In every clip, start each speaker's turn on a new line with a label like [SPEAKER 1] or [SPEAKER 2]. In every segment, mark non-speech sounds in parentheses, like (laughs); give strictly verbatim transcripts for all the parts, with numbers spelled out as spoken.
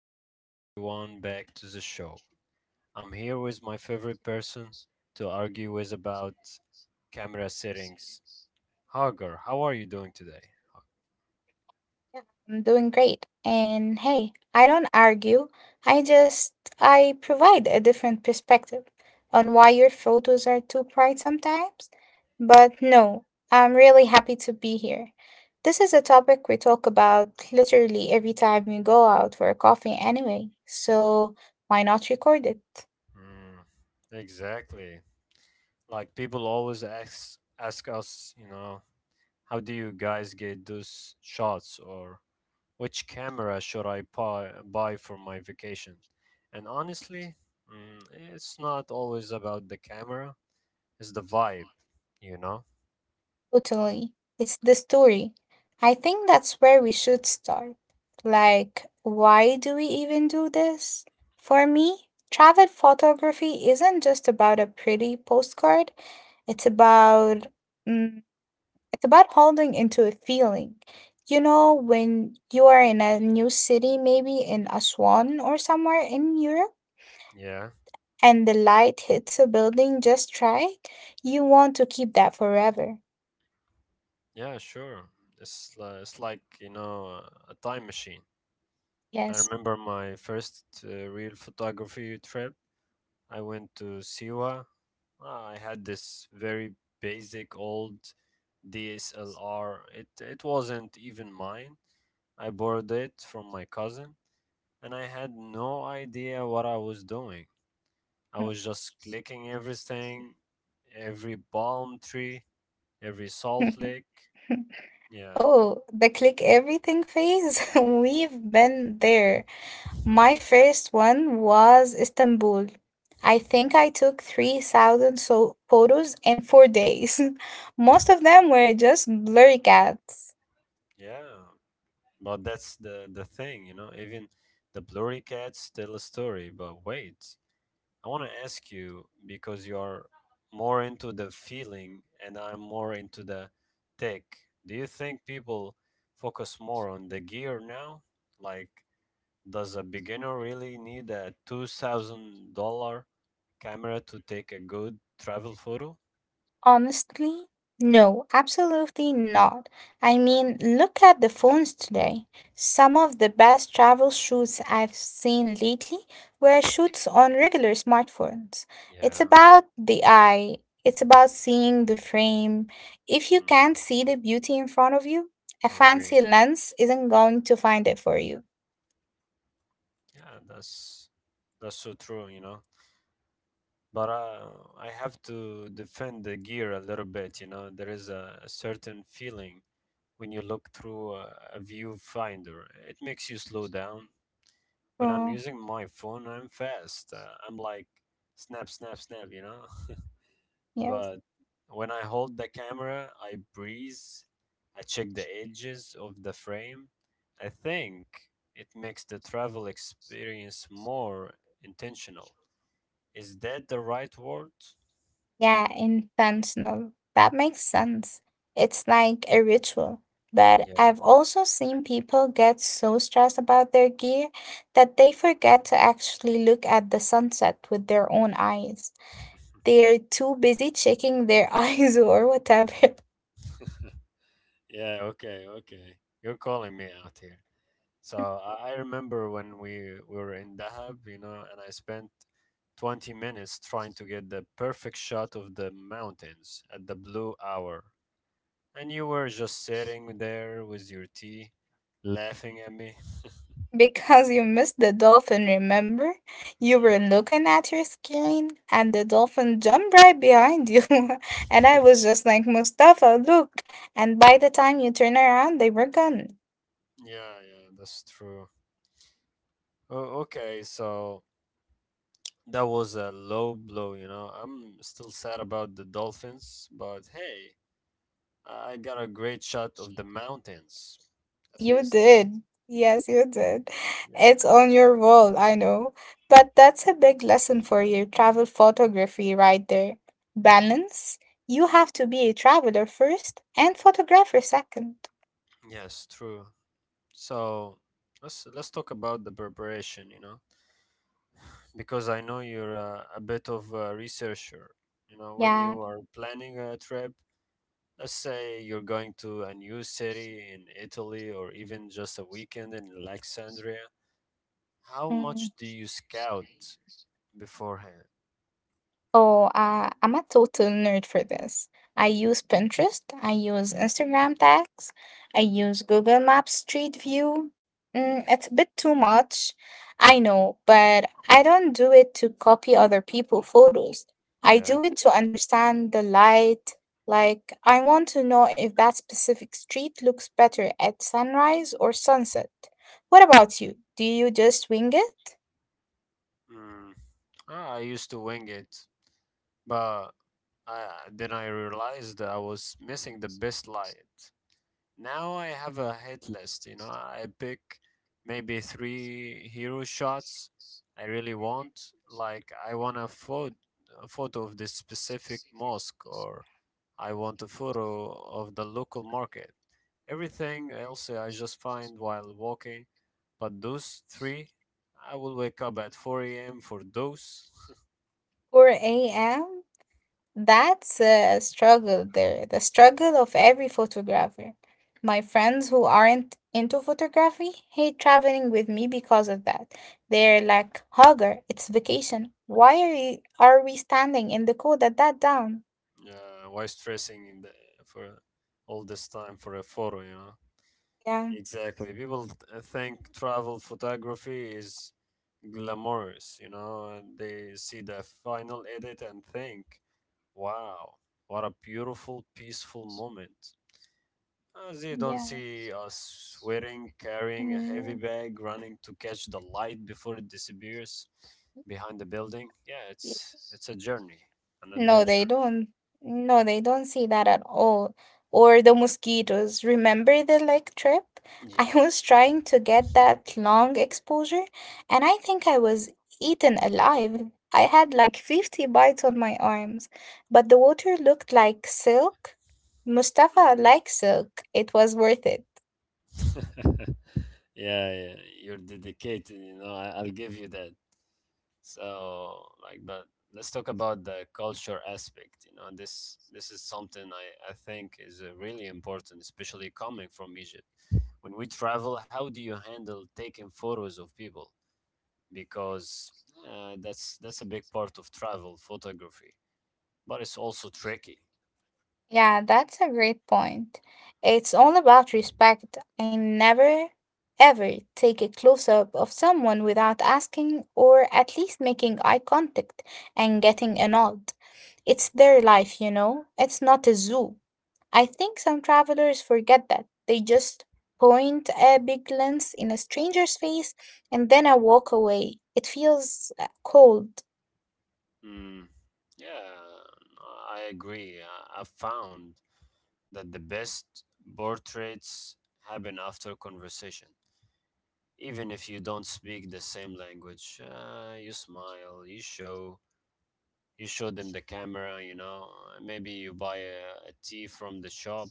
[SPEAKER 1] Welcome everyone back to the show. I'm here with my favorite person to argue with about camera settings. Hagar, how are you doing today?
[SPEAKER 2] I'm doing great. And hey, I don't argue. I just I provide a different perspective on why your photos are too bright sometimes. But no, I'm really happy to be here. This is a topic we talk about literally every time we go out for a coffee anyway. So why not record it?
[SPEAKER 1] Mm, exactly. Like people always ask ask us, you know, how do you guys get those shots or which camera should I buy, buy for my vacation? And honestly, mm, it's not always about the camera, it's the vibe, you know?
[SPEAKER 2] Totally. It's the story. I think that's where we should start. Like, why do we even do this? For me, travel photography isn't just about a pretty postcard. It's about mm, it's about holding into a feeling. You know, when you are in a new city, maybe in Aswan or somewhere in Europe,
[SPEAKER 1] Yeah,
[SPEAKER 2] and the light hits a building just right, you want to keep that forever.
[SPEAKER 1] yeah, sure. It's li- it's like you know uh, a time machine. I
[SPEAKER 2] Yes.
[SPEAKER 1] remember my first uh, real photography trip. I went to Siwa. Uh, I had this very basic old D S L R. It it wasn't even mine. I borrowed it from my cousin, and I had no idea what I was doing. I was just clicking everything, every palm tree, every salt lake.
[SPEAKER 2] (laughs)
[SPEAKER 1] Yeah. (laughs)
[SPEAKER 2] Oh, the click everything phase. (laughs) We've been there. My first one was Istanbul. I think I took three thousand so photos in four days. (laughs) Most of them were just blurry cats.
[SPEAKER 1] Yeah. But that's the the thing, you know. Even the blurry cats tell a story. But wait, I want to ask you because you're more into the feeling and I'm more into the tech. Do you think people focus more on the gear now? Like, does a beginner really need a two thousand dollar camera to take a good travel photo?
[SPEAKER 2] Honestly, no, absolutely not. I mean, look at the phones today. Some of the best travel shoots I've seen lately were shoots on regular smartphones. It's
[SPEAKER 1] Yeah,
[SPEAKER 2] about the eye, it's about seeing the frame. If you
[SPEAKER 1] mm,
[SPEAKER 2] can't see the beauty in front of you, a
[SPEAKER 1] I agree.
[SPEAKER 2] fancy lens isn't going to find it for you.
[SPEAKER 1] Yeah, that's that's so true. You know, but uh, I have to defend the gear a little bit. You know, there is a, a certain feeling when you look through a, a viewfinder. It makes you slow down. When I'm
[SPEAKER 2] Oh,
[SPEAKER 1] using my phone, I'm fast. Uh, I'm like snap, snap, snap. You know, (laughs)
[SPEAKER 2] yes.
[SPEAKER 1] but when I hold the camera, I breeze. I check the edges of the frame. I think it makes the travel experience more intentional. Is that the right word?
[SPEAKER 2] Yeah, intentional. That makes sense. It's like a ritual. But I've also seen people get so stressed about their gear that they forget to actually look at the sunset with their own eyes. They're too busy checking their (laughs) eyes or whatever.
[SPEAKER 1] Yeah, okay, okay. You're calling me out here. So I I remember when we, we were in Dahab, you know, and I spent twenty minutes trying to get the perfect shot of the mountains at the blue hour. And you were just sitting there with your tea, laughing at me.
[SPEAKER 2] Because you missed the dolphin, remember? You
[SPEAKER 1] Yeah,
[SPEAKER 2] were looking at your screen and the dolphin jumped right behind you. (laughs) And I was just like, Mustafa, look. And by the time you turn around, they were gone.
[SPEAKER 1] yeah, yeah, that's true. Oh, okay, so that was a low blow, you know. I'm still sad about the Dolphins, but hey, I got a great shot of the mountains, at
[SPEAKER 2] You
[SPEAKER 1] least.
[SPEAKER 2] did. Yes, you did.
[SPEAKER 1] Yeah.
[SPEAKER 2] It's on your wall, I know. But that's a big lesson for your travel photography right there. Balance. You have to be a traveler first and photographer second.
[SPEAKER 1] Yes, true. So let's let's talk about the preparation, you know, because I know you're a, a bit of a researcher. You know, when you
[SPEAKER 2] Yeah.
[SPEAKER 1] are planning a trip, let's say you're going to a new city in Italy or even just a weekend in Alexandria, how much
[SPEAKER 2] Hmm.
[SPEAKER 1] do you scout beforehand?
[SPEAKER 2] Oh, uh, I'm a total nerd for this. I use Pinterest, I use Instagram tags, I use Google Maps Street View. Mm, it's a bit too much, I know, but I don't do it to copy other people' photos. I
[SPEAKER 1] Yeah.
[SPEAKER 2] do it to understand the light. Like, I want to know if that specific street looks better at sunrise or sunset. What about you? Do you just wing it?
[SPEAKER 1] Mm. Ah, I used to wing it. But I, then I realized I was missing the best light. Now I have a hit list, you know. I pick maybe three hero shots I really want. Like I want a, photo, a photo of this specific mosque, or I want a photo of the local market. Everything else uh, I just find while walking, but those three, I will wake up at four a m for those.
[SPEAKER 2] four a m? That's a struggle there, the struggle of every photographer. My friends who aren't into photography hate traveling with me because of that. They're like, Hogger, it's vacation. Why are you, are we standing in the cold at that down?
[SPEAKER 1] Yeah, why stressing in the, for all this time for a photo, you know?
[SPEAKER 2] Yeah,
[SPEAKER 1] Exactly. People th- uh, think travel photography is glamorous, you know, and they see the final edit and think, wow, what a beautiful, peaceful moment. As you don't
[SPEAKER 2] yeah.
[SPEAKER 1] see us sweating, carrying a heavy
[SPEAKER 2] Mm,
[SPEAKER 1] bag, running to catch the light before it disappears behind the building. Yeah,
[SPEAKER 2] yeah.
[SPEAKER 1] it's it's a journey, an
[SPEAKER 2] No, they
[SPEAKER 1] adventure.
[SPEAKER 2] don't. No, they don't see that at all. Or the mosquitoes. Remember the lake trip? (laughs) I
[SPEAKER 1] Yeah.
[SPEAKER 2] was trying to get that long exposure and I think I was eaten alive. I had like fifty bites on my arms, but the water looked like silk. Mustafa likes silk. It was worth it.
[SPEAKER 1] (laughs) yeah, yeah, you're dedicated, you know, I, I'll give you that. So, like, but let's talk about the culture aspect. You know, this this is something I, I think is uh, really important, especially coming from Egypt. When we travel, how do you handle taking photos of people? Because uh, that's that's a big part of travel photography, but it's also tricky.
[SPEAKER 2] Yeah, that's a great point. It's all about respect. I never, ever take a close up of someone without asking or at least making eye contact and getting a nod. It's their life, you know? It's not a zoo. I think some travelers forget that. They just point a big lens in a stranger's face and then I walk away. It feels uh, cold,
[SPEAKER 1] Mm. Yeah, I agree. I- I've found that the best portraits happen after conversation. Even if you don't speak the same language, uh, you smile, you show, you show them the camera, you know, maybe you buy a, a tea from the shop.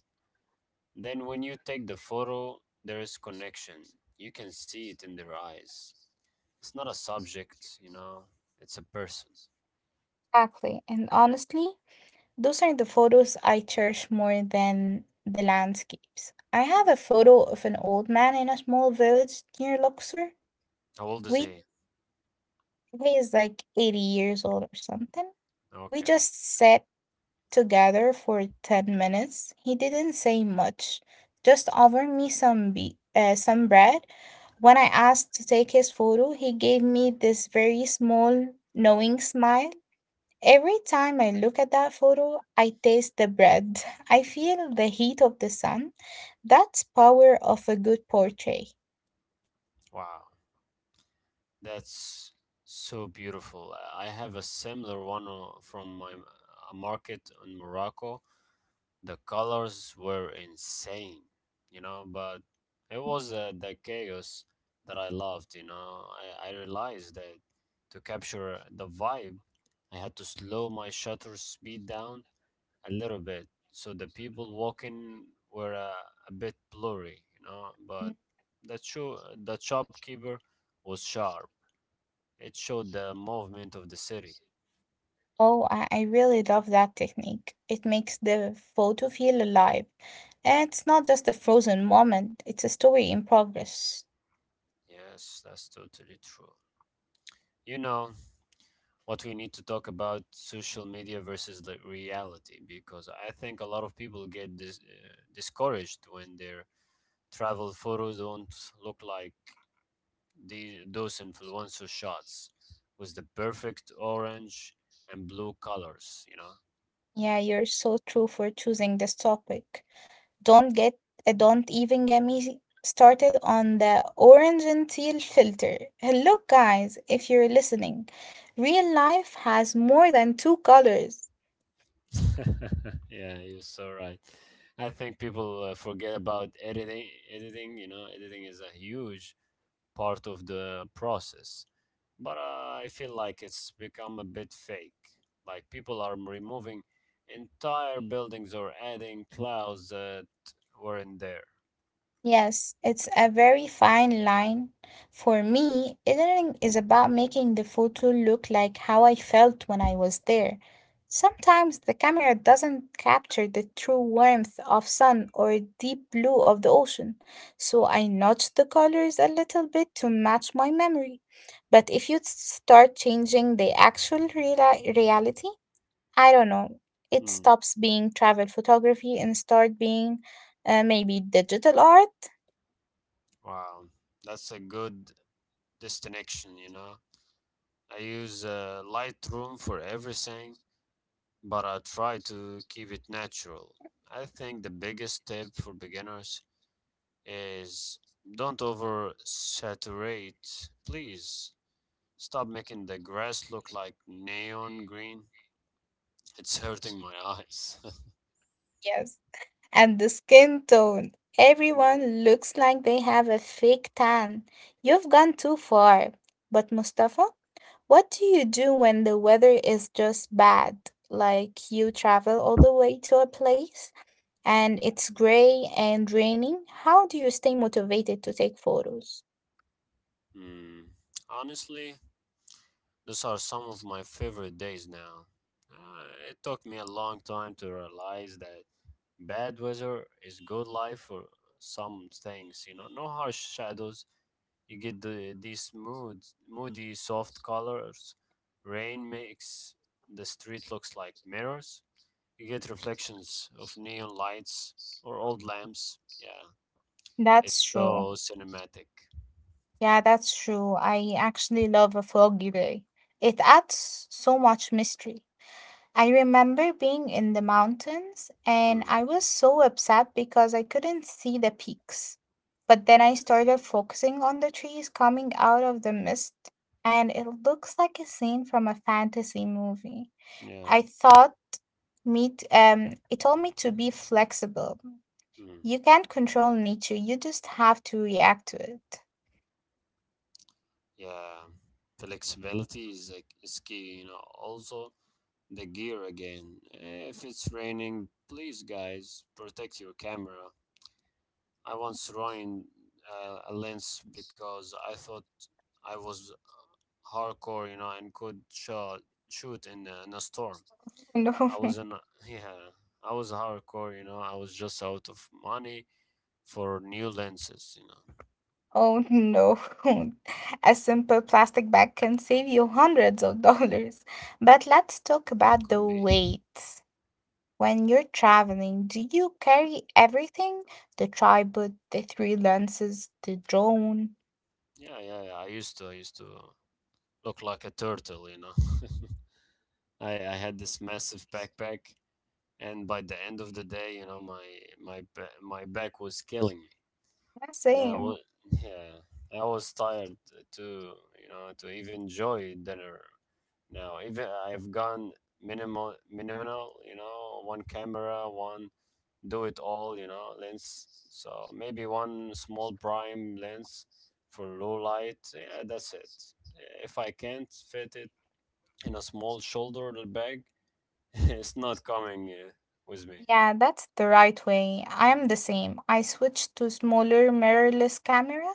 [SPEAKER 1] Then when you take the photo, there is connection. You can see it in their eyes. It's not a subject, you know, it's a person.
[SPEAKER 2] actually. And honestly, those are the photos I cherish more than the landscapes. I have a
[SPEAKER 1] Yeah.
[SPEAKER 2] photo of an old man in a small village near Luxor.
[SPEAKER 1] How old is
[SPEAKER 2] We
[SPEAKER 1] he?
[SPEAKER 2] He is like eighty years old or something. We
[SPEAKER 1] Okay.
[SPEAKER 2] just sat together for ten minutes. He didn't say much, just offered me some be- uh, some bread. When I asked to take his photo, he gave me this very small knowing smile. Every time I look at that photo, I taste the bread. (laughs) I feel the heat of the sun. That's power of a good portrait.
[SPEAKER 1] Wow. That's so beautiful. I have a similar one o- from my m- a market in Morocco. The colors were insane, you know, but it was uh, the chaos that I loved, you know. I, I realized that to capture the vibe, I had to slow my shutter speed down a little bit. So the people walking were uh, a bit blurry, you know, but
[SPEAKER 2] Mm.
[SPEAKER 1] the, cho- the shopkeeper was sharp, it showed the movement of the city.
[SPEAKER 2] Oh, I, I really love that technique. It makes the photo feel alive. And it's not just a frozen moment, it's a story in progress.
[SPEAKER 1] Yes, that's totally true. You know what we need to talk about social media versus the reality because I think a lot of people get dis- uh, discouraged when their travel photos don't look like the those influencer shots with the perfect orange and blue colors, you know.
[SPEAKER 2] Yeah, you're so true for choosing this topic. Don't get uh, don't even get me started on the orange and teal filter. Hello guys, if you're listening, real life has more than two colors.
[SPEAKER 1] (laughs) Yeah, you're so right. I think people uh, forget about editing. Editing, you know, editing is a huge part of the process. But uh, I feel like it's become a bit fake. Like people are removing entire buildings or adding clouds that weren't there.
[SPEAKER 2] Yes, it's a very fine line. For me, eating is about making the photo look like how I felt when I was there. Sometimes the camera doesn't capture the true warmth of sun or deep blue of the ocean, so I notch the colors a little bit to match my memory. But if you start changing the actual reali reality, I don't know, it
[SPEAKER 1] Hmm.
[SPEAKER 2] stops being travel photography and start being uh, maybe digital art.
[SPEAKER 1] Wow, that's a good distinction, you know. I use uh, Lightroom for everything, but I try to keep it natural. I think the biggest tip for beginners is don't oversaturate, please. Stop making the grass look like neon green. It's hurting my eyes. (laughs)
[SPEAKER 2] Yes. And the skin tone.
[SPEAKER 1] Yeah.
[SPEAKER 2] Everyone looks like they have a fake tan. You've gone too far. But Mustafa, what do you do when the weather is just bad? Like you travel all the way to a place and it's gray and raining. How do you stay motivated to take photos?
[SPEAKER 1] Hmm. Honestly, those are some of my favorite days now. Uh, it took me a long time to realize that bad weather is good life for some things. You know, no harsh shadows. You get the these mood, moody, soft colors. Rain makes the street looks like mirrors. You get reflections of neon lights or old lamps. Yeah, it's
[SPEAKER 2] That's true.
[SPEAKER 1] so cinematic.
[SPEAKER 2] Yeah, that's true. I actually love a foggy day. It adds so much mystery. I remember being in the mountains and
[SPEAKER 1] Mm,
[SPEAKER 2] I was so upset because I couldn't see the peaks. But then I started focusing on the trees coming out of the mist, and it looks like a scene from a fantasy movie.
[SPEAKER 1] yeah,
[SPEAKER 2] I thought meet um it told me to be flexible.
[SPEAKER 1] mm,
[SPEAKER 2] You can't control nature, you just have to react to it.
[SPEAKER 1] yeah. Flexibility is like is key, you know. Also, the gear again. If it's raining, please, guys, protect your camera. I once ruined uh, a lens because I thought I was hardcore, you know, and could shot shoot in a, in a storm.
[SPEAKER 2] (laughs) No.
[SPEAKER 1] I was in, yeah, I was hardcore, you know. I was just out of money for new lenses, you know.
[SPEAKER 2] Oh no, (laughs) a simple plastic bag can save you hundreds of (laughs) dollars. But let's talk about the
[SPEAKER 1] Could be.
[SPEAKER 2] weight. When you're traveling, do you carry everything? The tripod, the three lenses, the drone?
[SPEAKER 1] Yeah, yeah, yeah. I used to, I used to look like a turtle, you know. (laughs) I, I had this massive backpack, and by the end of the day, you know, my my ba- my back was killing me,
[SPEAKER 2] Yeah,
[SPEAKER 1] and I was,
[SPEAKER 2] same.
[SPEAKER 1] yeah, I was tired to, you know, to even enjoy dinner. Now, even I've gone minimal, minimal, you know, one camera, one do it all, you know, lens. So maybe one small prime lens for low light. Yeah, that's it. If I can't fit it in a small shoulder bag, (laughs) it's not coming uh, with me.
[SPEAKER 2] Yeah, that's the right way. I am the same. I switched to smaller mirrorless camera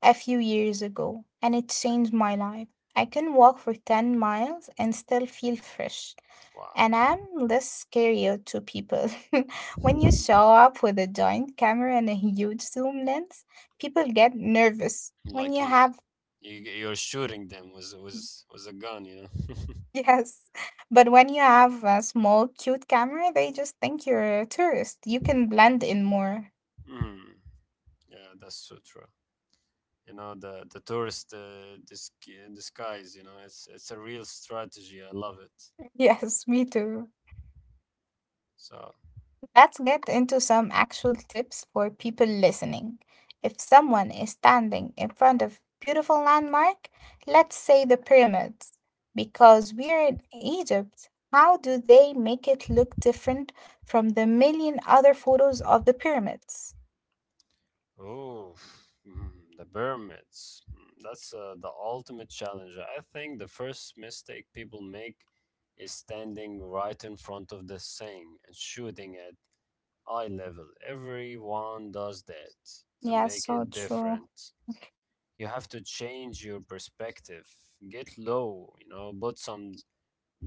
[SPEAKER 2] a few years ago, and it changed my life. I can walk for ten miles and still feel fresh.
[SPEAKER 1] Wow.
[SPEAKER 2] And I'm less scarier to people. (laughs) When you show up with a giant camera and a huge zoom lens, people get nervous.
[SPEAKER 1] (laughs)
[SPEAKER 2] When
[SPEAKER 1] like
[SPEAKER 2] you
[SPEAKER 1] you,
[SPEAKER 2] have,
[SPEAKER 1] you, you're shooting them with, with, with a gun, you know. (laughs)
[SPEAKER 2] (laughs) yes, but when you have a small, cute camera, they just think you're a tourist. You can blend in more.
[SPEAKER 1] Mm, yeah, that's so true. You know the the tourist uh, dis- disguise. You know it's it's a real strategy. I love it.
[SPEAKER 2] (laughs) Yes, me too.
[SPEAKER 1] So
[SPEAKER 2] Let's get into some actual tips for people listening. If someone is standing in front of beautiful landmark, let's say the pyramids, because we're in Egypt, how do they make it look different from the million other photos of the pyramids?
[SPEAKER 1] oh, mm, the pyramids. Mm, that's uh, the ultimate challenge. I think the first mistake people make is standing right in front of the thing and shooting at eye level. Everyone does that. To
[SPEAKER 2] Yeah,
[SPEAKER 1] make
[SPEAKER 2] so
[SPEAKER 1] it
[SPEAKER 2] true.
[SPEAKER 1] different, you have to change your perspective. Get low, you know, put some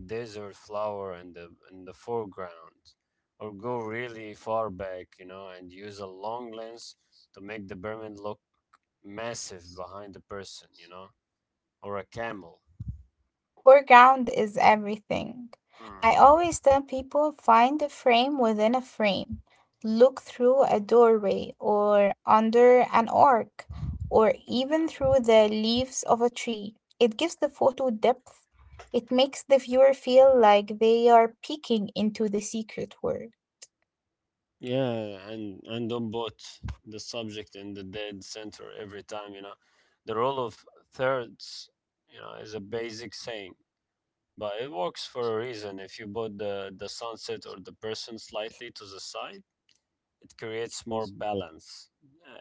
[SPEAKER 1] desert flower in the in the foreground or go really far back, you know, and use a long lens to make the pyramid look massive behind the person, you know, or a camel.
[SPEAKER 2] Foreground is everything. I
[SPEAKER 1] Mm,
[SPEAKER 2] always tell people find a frame within a frame. Look through a doorway or under an arc or even through the leaves of a tree. It gives the photo depth. It makes the viewer feel like they are peeking into the secret world.
[SPEAKER 1] yeah. Yeah, and and don't put the subject in the dead center every time, you know. The role of thirds, you know, is a basic saying, but it works for a reason. If you put the the sunset or the person slightly to the side, it creates more balance.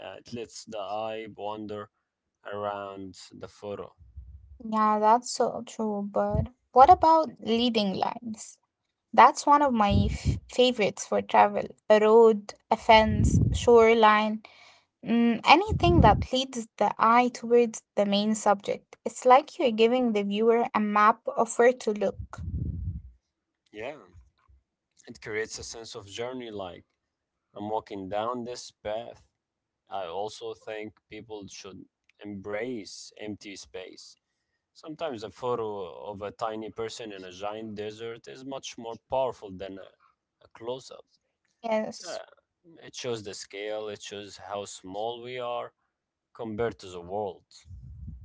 [SPEAKER 1] Uh, it lets the eye wander around the photo.
[SPEAKER 2] Yeah, that's so true. But what about leading lines? That's one of my f- favorites for travel. A road, a fence, shoreline, mm, anything that leads the eye towards the main subject. It's like you're giving the viewer a map of where to look.
[SPEAKER 1] Yeah, it creates a sense of journey, like I'm walking down this path. I also think people should embrace empty space. Sometimes a photo of a tiny person in a giant desert is much more powerful than a, a close up. Yeah,
[SPEAKER 2] Yes.
[SPEAKER 1] it shows the scale, it shows how small we are compared to the world.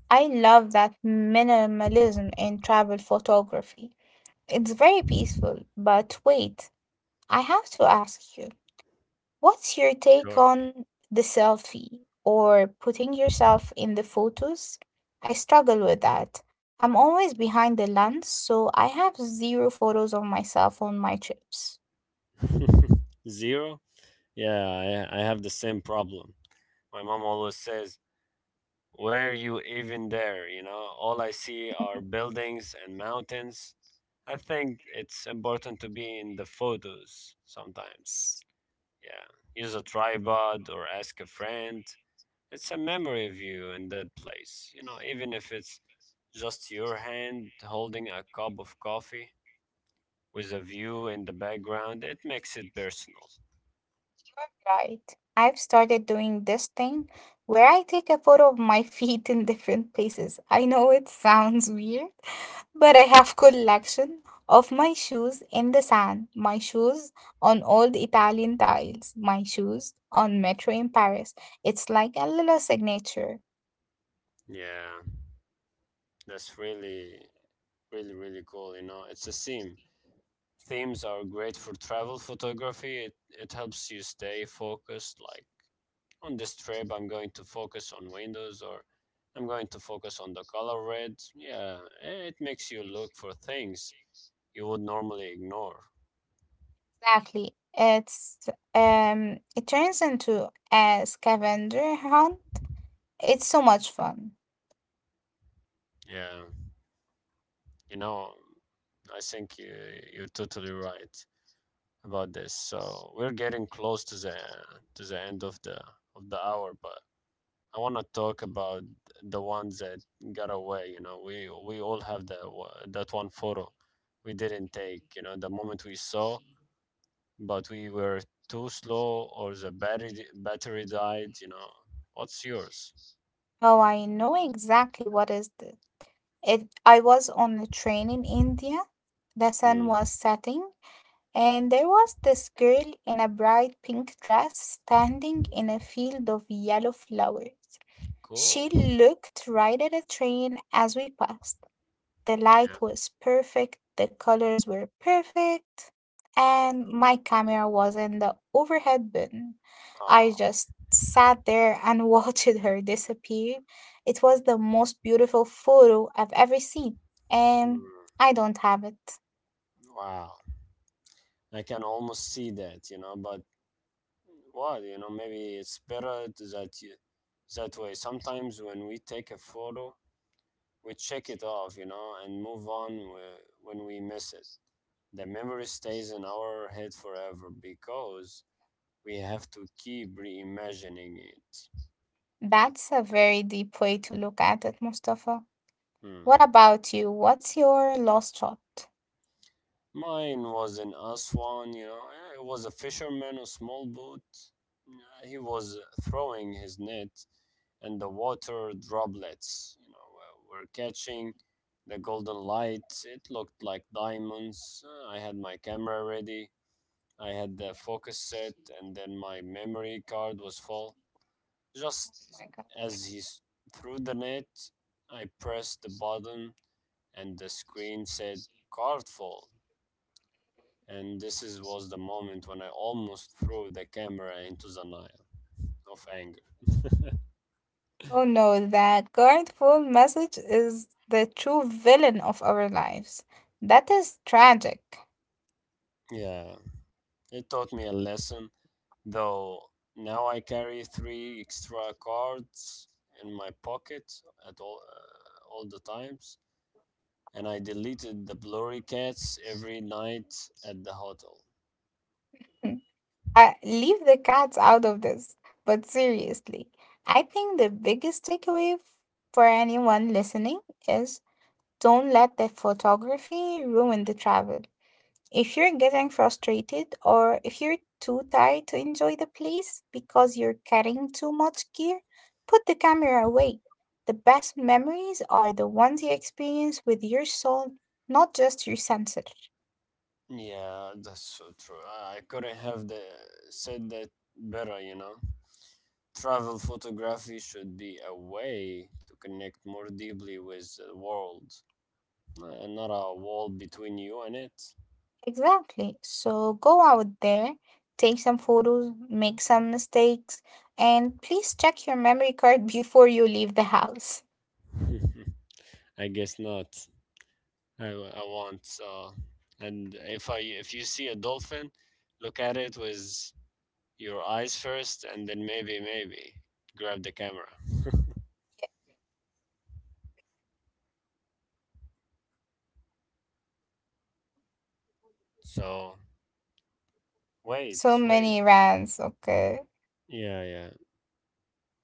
[SPEAKER 2] I love that minimalism in travel photography. It's very peaceful, but wait, I have to ask you, what's your take
[SPEAKER 1] Sure.
[SPEAKER 2] on the selfie or putting yourself in the photos? I struggle with that. I'm always behind the lens, so I have zero photos of myself on my trips.
[SPEAKER 1] (laughs) Zero? Yeah, I, I have the same problem. My mom always says, where you even there? You know, all I see
[SPEAKER 2] (laughs)
[SPEAKER 1] are buildings and mountains. I think it's important to be in the photos sometimes.
[SPEAKER 2] Yes,
[SPEAKER 1] Yeah. Use a tripod or ask a friend. It's a memory of you in that place. You know, even if it's just your hand holding a cup of coffee with a view in the background, it makes it personal.
[SPEAKER 2] you're right. I've started doing this thing where I take a photo of my (laughs) feet in different places. I know it sounds weird, but I have collection of my shoes in the sand, my shoes on old Italian tiles, my shoes on metro in Paris. It's like a little signature.
[SPEAKER 1] Yeah. That's really, really, really cool. You know, it's a theme. Themes are great for travel photography. It, it helps you stay focused, like on this trip I'm going to focus on windows or I'm going to focus on the color red, yeah, it makes you look for things you would normally ignore.
[SPEAKER 2] Exactly. It's um it turns into a scavenger hunt. It's so much fun.
[SPEAKER 1] yeah you know I think you, you're totally right about this. So we're getting close to the to the end of the of the hour, but I want to talk about the ones that got away. You know, we we all have that wa- that one photo we didn't take, you know, the moment we saw, but we were too slow or the battery di- battery died. You know, what's yours?
[SPEAKER 2] Oh, I know exactly what is this. It I was on a train in India. The sun
[SPEAKER 1] Hmm.
[SPEAKER 2] was setting and there was this girl in a bright pink dress standing in a field of yellow flowers. She
[SPEAKER 1] Cool.
[SPEAKER 2] looked right at a train as we passed. The light
[SPEAKER 1] Yeah.
[SPEAKER 2] was perfect, the colors were perfect, and my camera was in the overhead bin. I
[SPEAKER 1] Oh.
[SPEAKER 2] just sat there and (laughs) watched her disappear. It was the most beautiful photo I've ever seen, and
[SPEAKER 1] Hmm.
[SPEAKER 2] I don't have it.
[SPEAKER 1] Wow, I can almost see that, you know, but what, you know, maybe it's better to that you that way. Sometimes when we take a photo we check it off, you know, and move on. Wh- when we miss it, the memory stays in our head forever because we have to keep reimagining it. Yeah.
[SPEAKER 2] That's a very deep way to look at it, Mustafa.
[SPEAKER 1] Hmm.
[SPEAKER 2] What about you? What's your last shot? Oh
[SPEAKER 1] Mine was in Aswan, you know. eh, It was a fisherman, a small boat. Uh, He was throwing his net, and the water droplets, you know, were were catching the golden light. It looked like diamonds. Uh, I had my camera ready. I had the focus set, and then my memory card was full. Just
[SPEAKER 2] my God.
[SPEAKER 1] as he s- threw the net, I pressed the button, and the screen said, "Card full." And this is, was the moment when I almost threw the camera into the Nile of anger.
[SPEAKER 2] Oh no, that guardful message is the true villain of our lives. That is tragic.
[SPEAKER 1] (laughs) Yeah, it taught me a lesson, though. Now I carry three extra cards in my pocket at all uh, all the times, and I deleted the blurry cats every night at the hotel.
[SPEAKER 2] Hmm. Uh, leave the cats out of this. But seriously, I think the biggest takeaway f- for anyone listening is don't let the photography ruin the travel. If you're getting frustrated or if you're too tired to enjoy the place because you're carrying too much gear, put the camera away. The best memories are the ones you experience with your soul, not just your sensor.
[SPEAKER 1] Yeah, that's so true. I couldn't have the, said that better, you know. Travel photography should be a way to connect more deeply with the world, uh, and not a wall between you and it.
[SPEAKER 2] Exactly. So go out there, take some photos, make some mistakes, and please check your memory card (laughs) before you leave the house.
[SPEAKER 1] (laughs) I guess not. I, I want so. And if I if you see a dolphin, look at it with your eyes first, and then maybe maybe grab the camera. (laughs) So wait,
[SPEAKER 2] So
[SPEAKER 1] wait.
[SPEAKER 2] many rants, okay.
[SPEAKER 1] Yeah, yeah.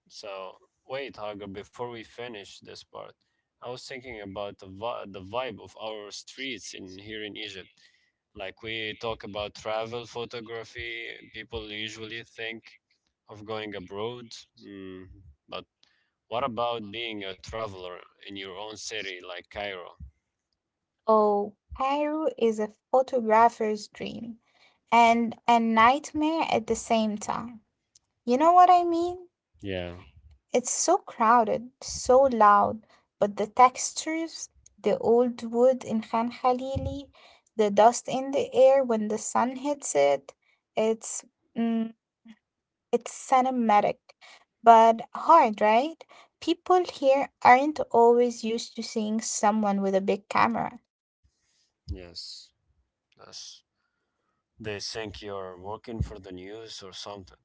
[SPEAKER 1] So wait, Hagar, before we finish this part, I was thinking about the vi- the vibe of our streets in here in Egypt. Like, we talk about travel photography, people usually think of going abroad. Mm, but what about being a traveler in your own city, like Cairo?
[SPEAKER 2] Oh, Cairo is a photographer's dream and a nightmare at the same time. You know what I mean?
[SPEAKER 1] Yeah.
[SPEAKER 2] It's so crowded, so loud, but the textures, the old wood in Khan Khalili, the dust in the air when the sun hits it, it's mm, it's cinematic, but hard, right? People here aren't always used to seeing someone with a big camera.
[SPEAKER 1] Yes. That's. They think you're working for the news or something.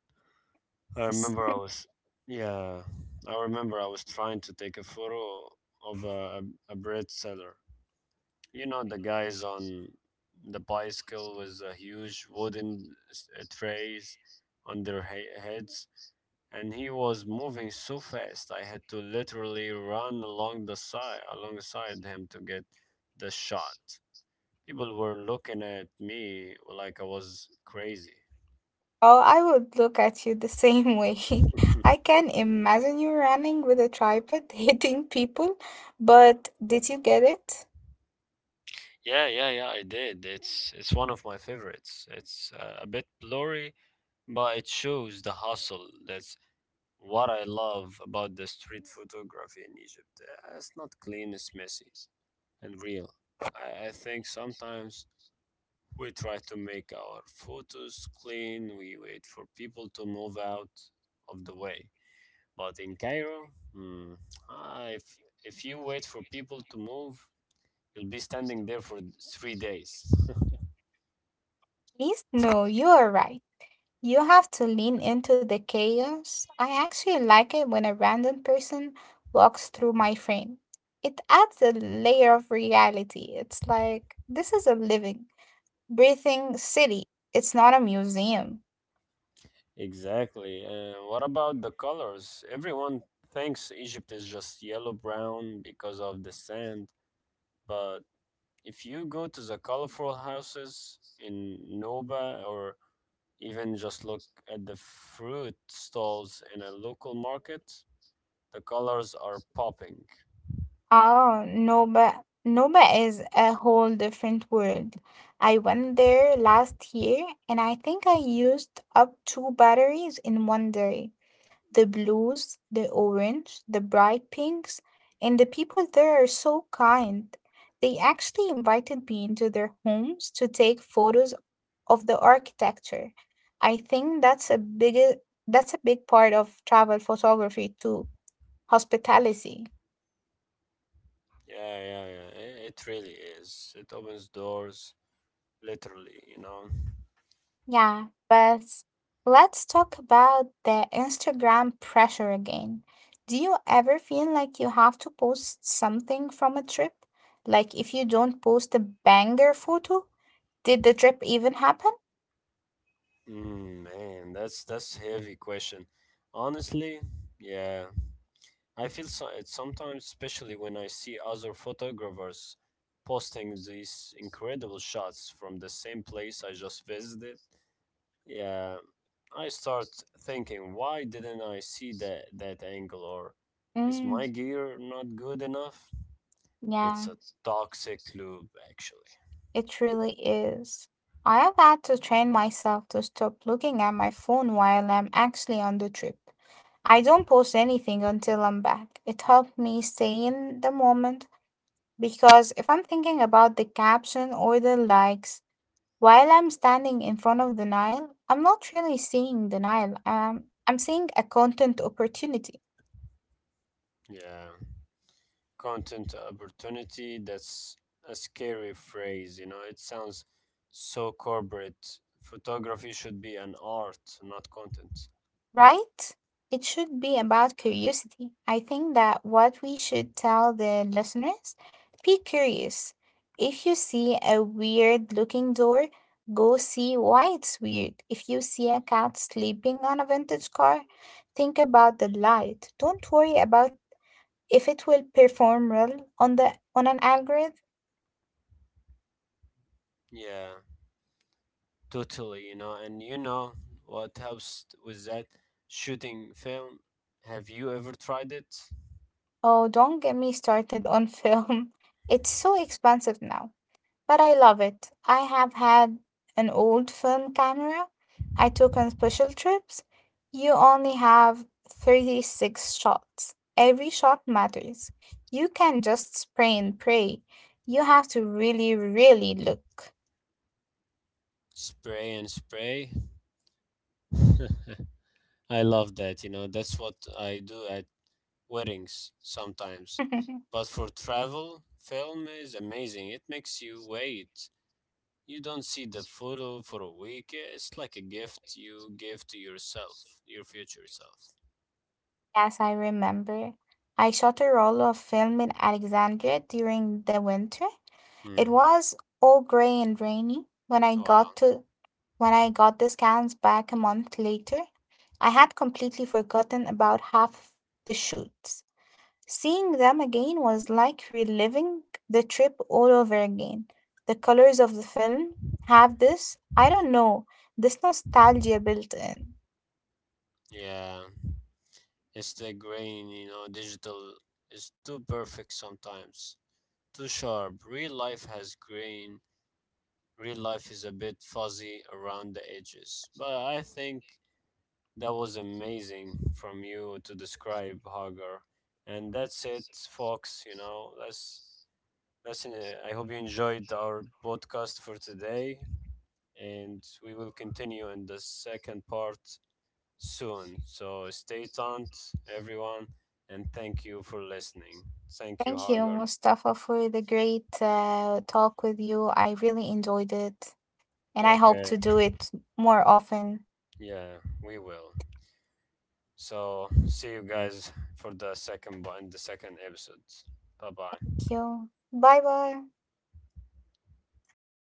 [SPEAKER 1] I remember I was, yeah, I remember I was trying to take a photo of a, a bread seller. You know, the guys on the bicycle with the huge wooden s- uh, trays on their he- heads, and he was moving so fast. I had to literally run along the side, alongside him to get the shot. People were looking at me like I was crazy.
[SPEAKER 2] Oh, I would look at you the same way. (laughs) I
[SPEAKER 1] (laughs)
[SPEAKER 2] can imagine you running with a tripod (laughs) hitting people, but did you get it?
[SPEAKER 1] Yeah, yeah, yeah, I did. It's it's one of my favorites. It's uh, a bit blurry, but it shows the hustle. That's what I love about the street photography in Egypt. Uh, It's not clean, it's messy and real. I, I think sometimes we try to make our photos clean. We wait for people to move out of the way. But in Cairo, hmm, ah, if if you wait for people to move, you'll be standing there for three days.
[SPEAKER 2] Please? No, you are right. You have to lean into the chaos. I actually like it when a random person walks through my frame. It adds a layer of reality. It's like this is a living, breathing city. It's not a museum.
[SPEAKER 1] Exactly. Uh, what about the colors? Everyone thinks Egypt is just yellow brown because of the sand, but if you go to the colorful houses in Nuba, or even just look at the fruit stalls in a local market, the colors are popping.
[SPEAKER 2] Ah, Nova. Nova is a whole different world. I went there last year and I think I used up two batteries in one day. The blues, the orange, the bright pinks, and the people there are so kind. They actually invited me into their homes to take photos of the architecture. I think that's a big that's a big part of travel photography too, hospitality.
[SPEAKER 1] Yeah, yeah, yeah. i- It really is. It opens doors, literally, you know.
[SPEAKER 2] Yeah, but let's talk about the Instagram pressure again. Do you ever feel like you have to post something from a trip? Like if you don't post a banger photo, did the trip even happen?
[SPEAKER 1] Mm, man, that's that's heavy question. Honestly, yeah. I feel so- it sometimes, especially when I see other photographers posting these incredible shots from the same place I just visited. Yeah, I start thinking, why didn't I see that that angle? Or is
[SPEAKER 2] Mm,
[SPEAKER 1] my gear not good enough? It's
[SPEAKER 2] yeah.
[SPEAKER 1] a toxic loop, actually.
[SPEAKER 2] It really is. I have had to train myself to stop looking at my phone while I'm actually on the trip. I don't post anything until I'm back. It helped me stay in the moment because if I'm thinking about the caption or the likes while I'm standing in front of the Nile, I'm not really seeing the Nile. Um, I'm seeing a content opportunity.
[SPEAKER 1] Yeah, content opportunity. That's a scary phrase. You know, it sounds so corporate. Photography should be an art, not content.
[SPEAKER 2] Right? It should be about curiosity. I think that what we should tell the listeners be curious. If you see a weird looking door, go see why it's weird. If you see a cat sleeping on a vintage car, think about the light. Don't worry about if it will perform well on the on an algorithm.
[SPEAKER 1] Yeah, totally, you know, and you know what helps t- with that? Shooting film. Have you ever tried it?
[SPEAKER 2] Oh, don't get me started on film. (laughs) It's so expensive now. But I love it. I have had an old film camera I took on special trips. You only have thirty-six shots. Every shot matters. You can just spray and pray. You have to really, really look.
[SPEAKER 1] Spray and spray. (laughs) I love that, you know, that's what I do at weddings sometimes.
[SPEAKER 2] (laughs)
[SPEAKER 1] But for travel, film is amazing. It makes you wait. You don't see the photo for a week. It's like a gift you give to yourself, your future self.
[SPEAKER 2] Yes, I remember. I shot a roll of film in Alexandria during the winter. It
[SPEAKER 1] Hmm.
[SPEAKER 2] was all gray and rainy. When I got
[SPEAKER 1] Wow.
[SPEAKER 2] to When I got the scans back a month later, I had completely forgotten about half the shoots. Seeing them again was like reliving the trip all over again. The colors of the film have this, I don't know, this nostalgia built in.
[SPEAKER 1] Yeah. It's the grain, you know, digital is too perfect sometimes, too sharp. Real life has grain. Real life is a bit fuzzy around the edges. But I think that was amazing from you to describe, Hagar. And that's it, folks. You know, that's that's. Uh, I hope you enjoyed our podcast for today, and we will continue in the second part soon. So stay tuned, everyone, and thank you for listening. Thank you,
[SPEAKER 2] Thank you,
[SPEAKER 1] Hagar.
[SPEAKER 2] Mustafa, for the great uh, talk with you. I really enjoyed it and I hope
[SPEAKER 1] Okay,
[SPEAKER 2] to do it more often.
[SPEAKER 1] yeah, we will. So see you guys for the second bu- in the second episode. Bye bye.
[SPEAKER 2] Thank you. Bye bye.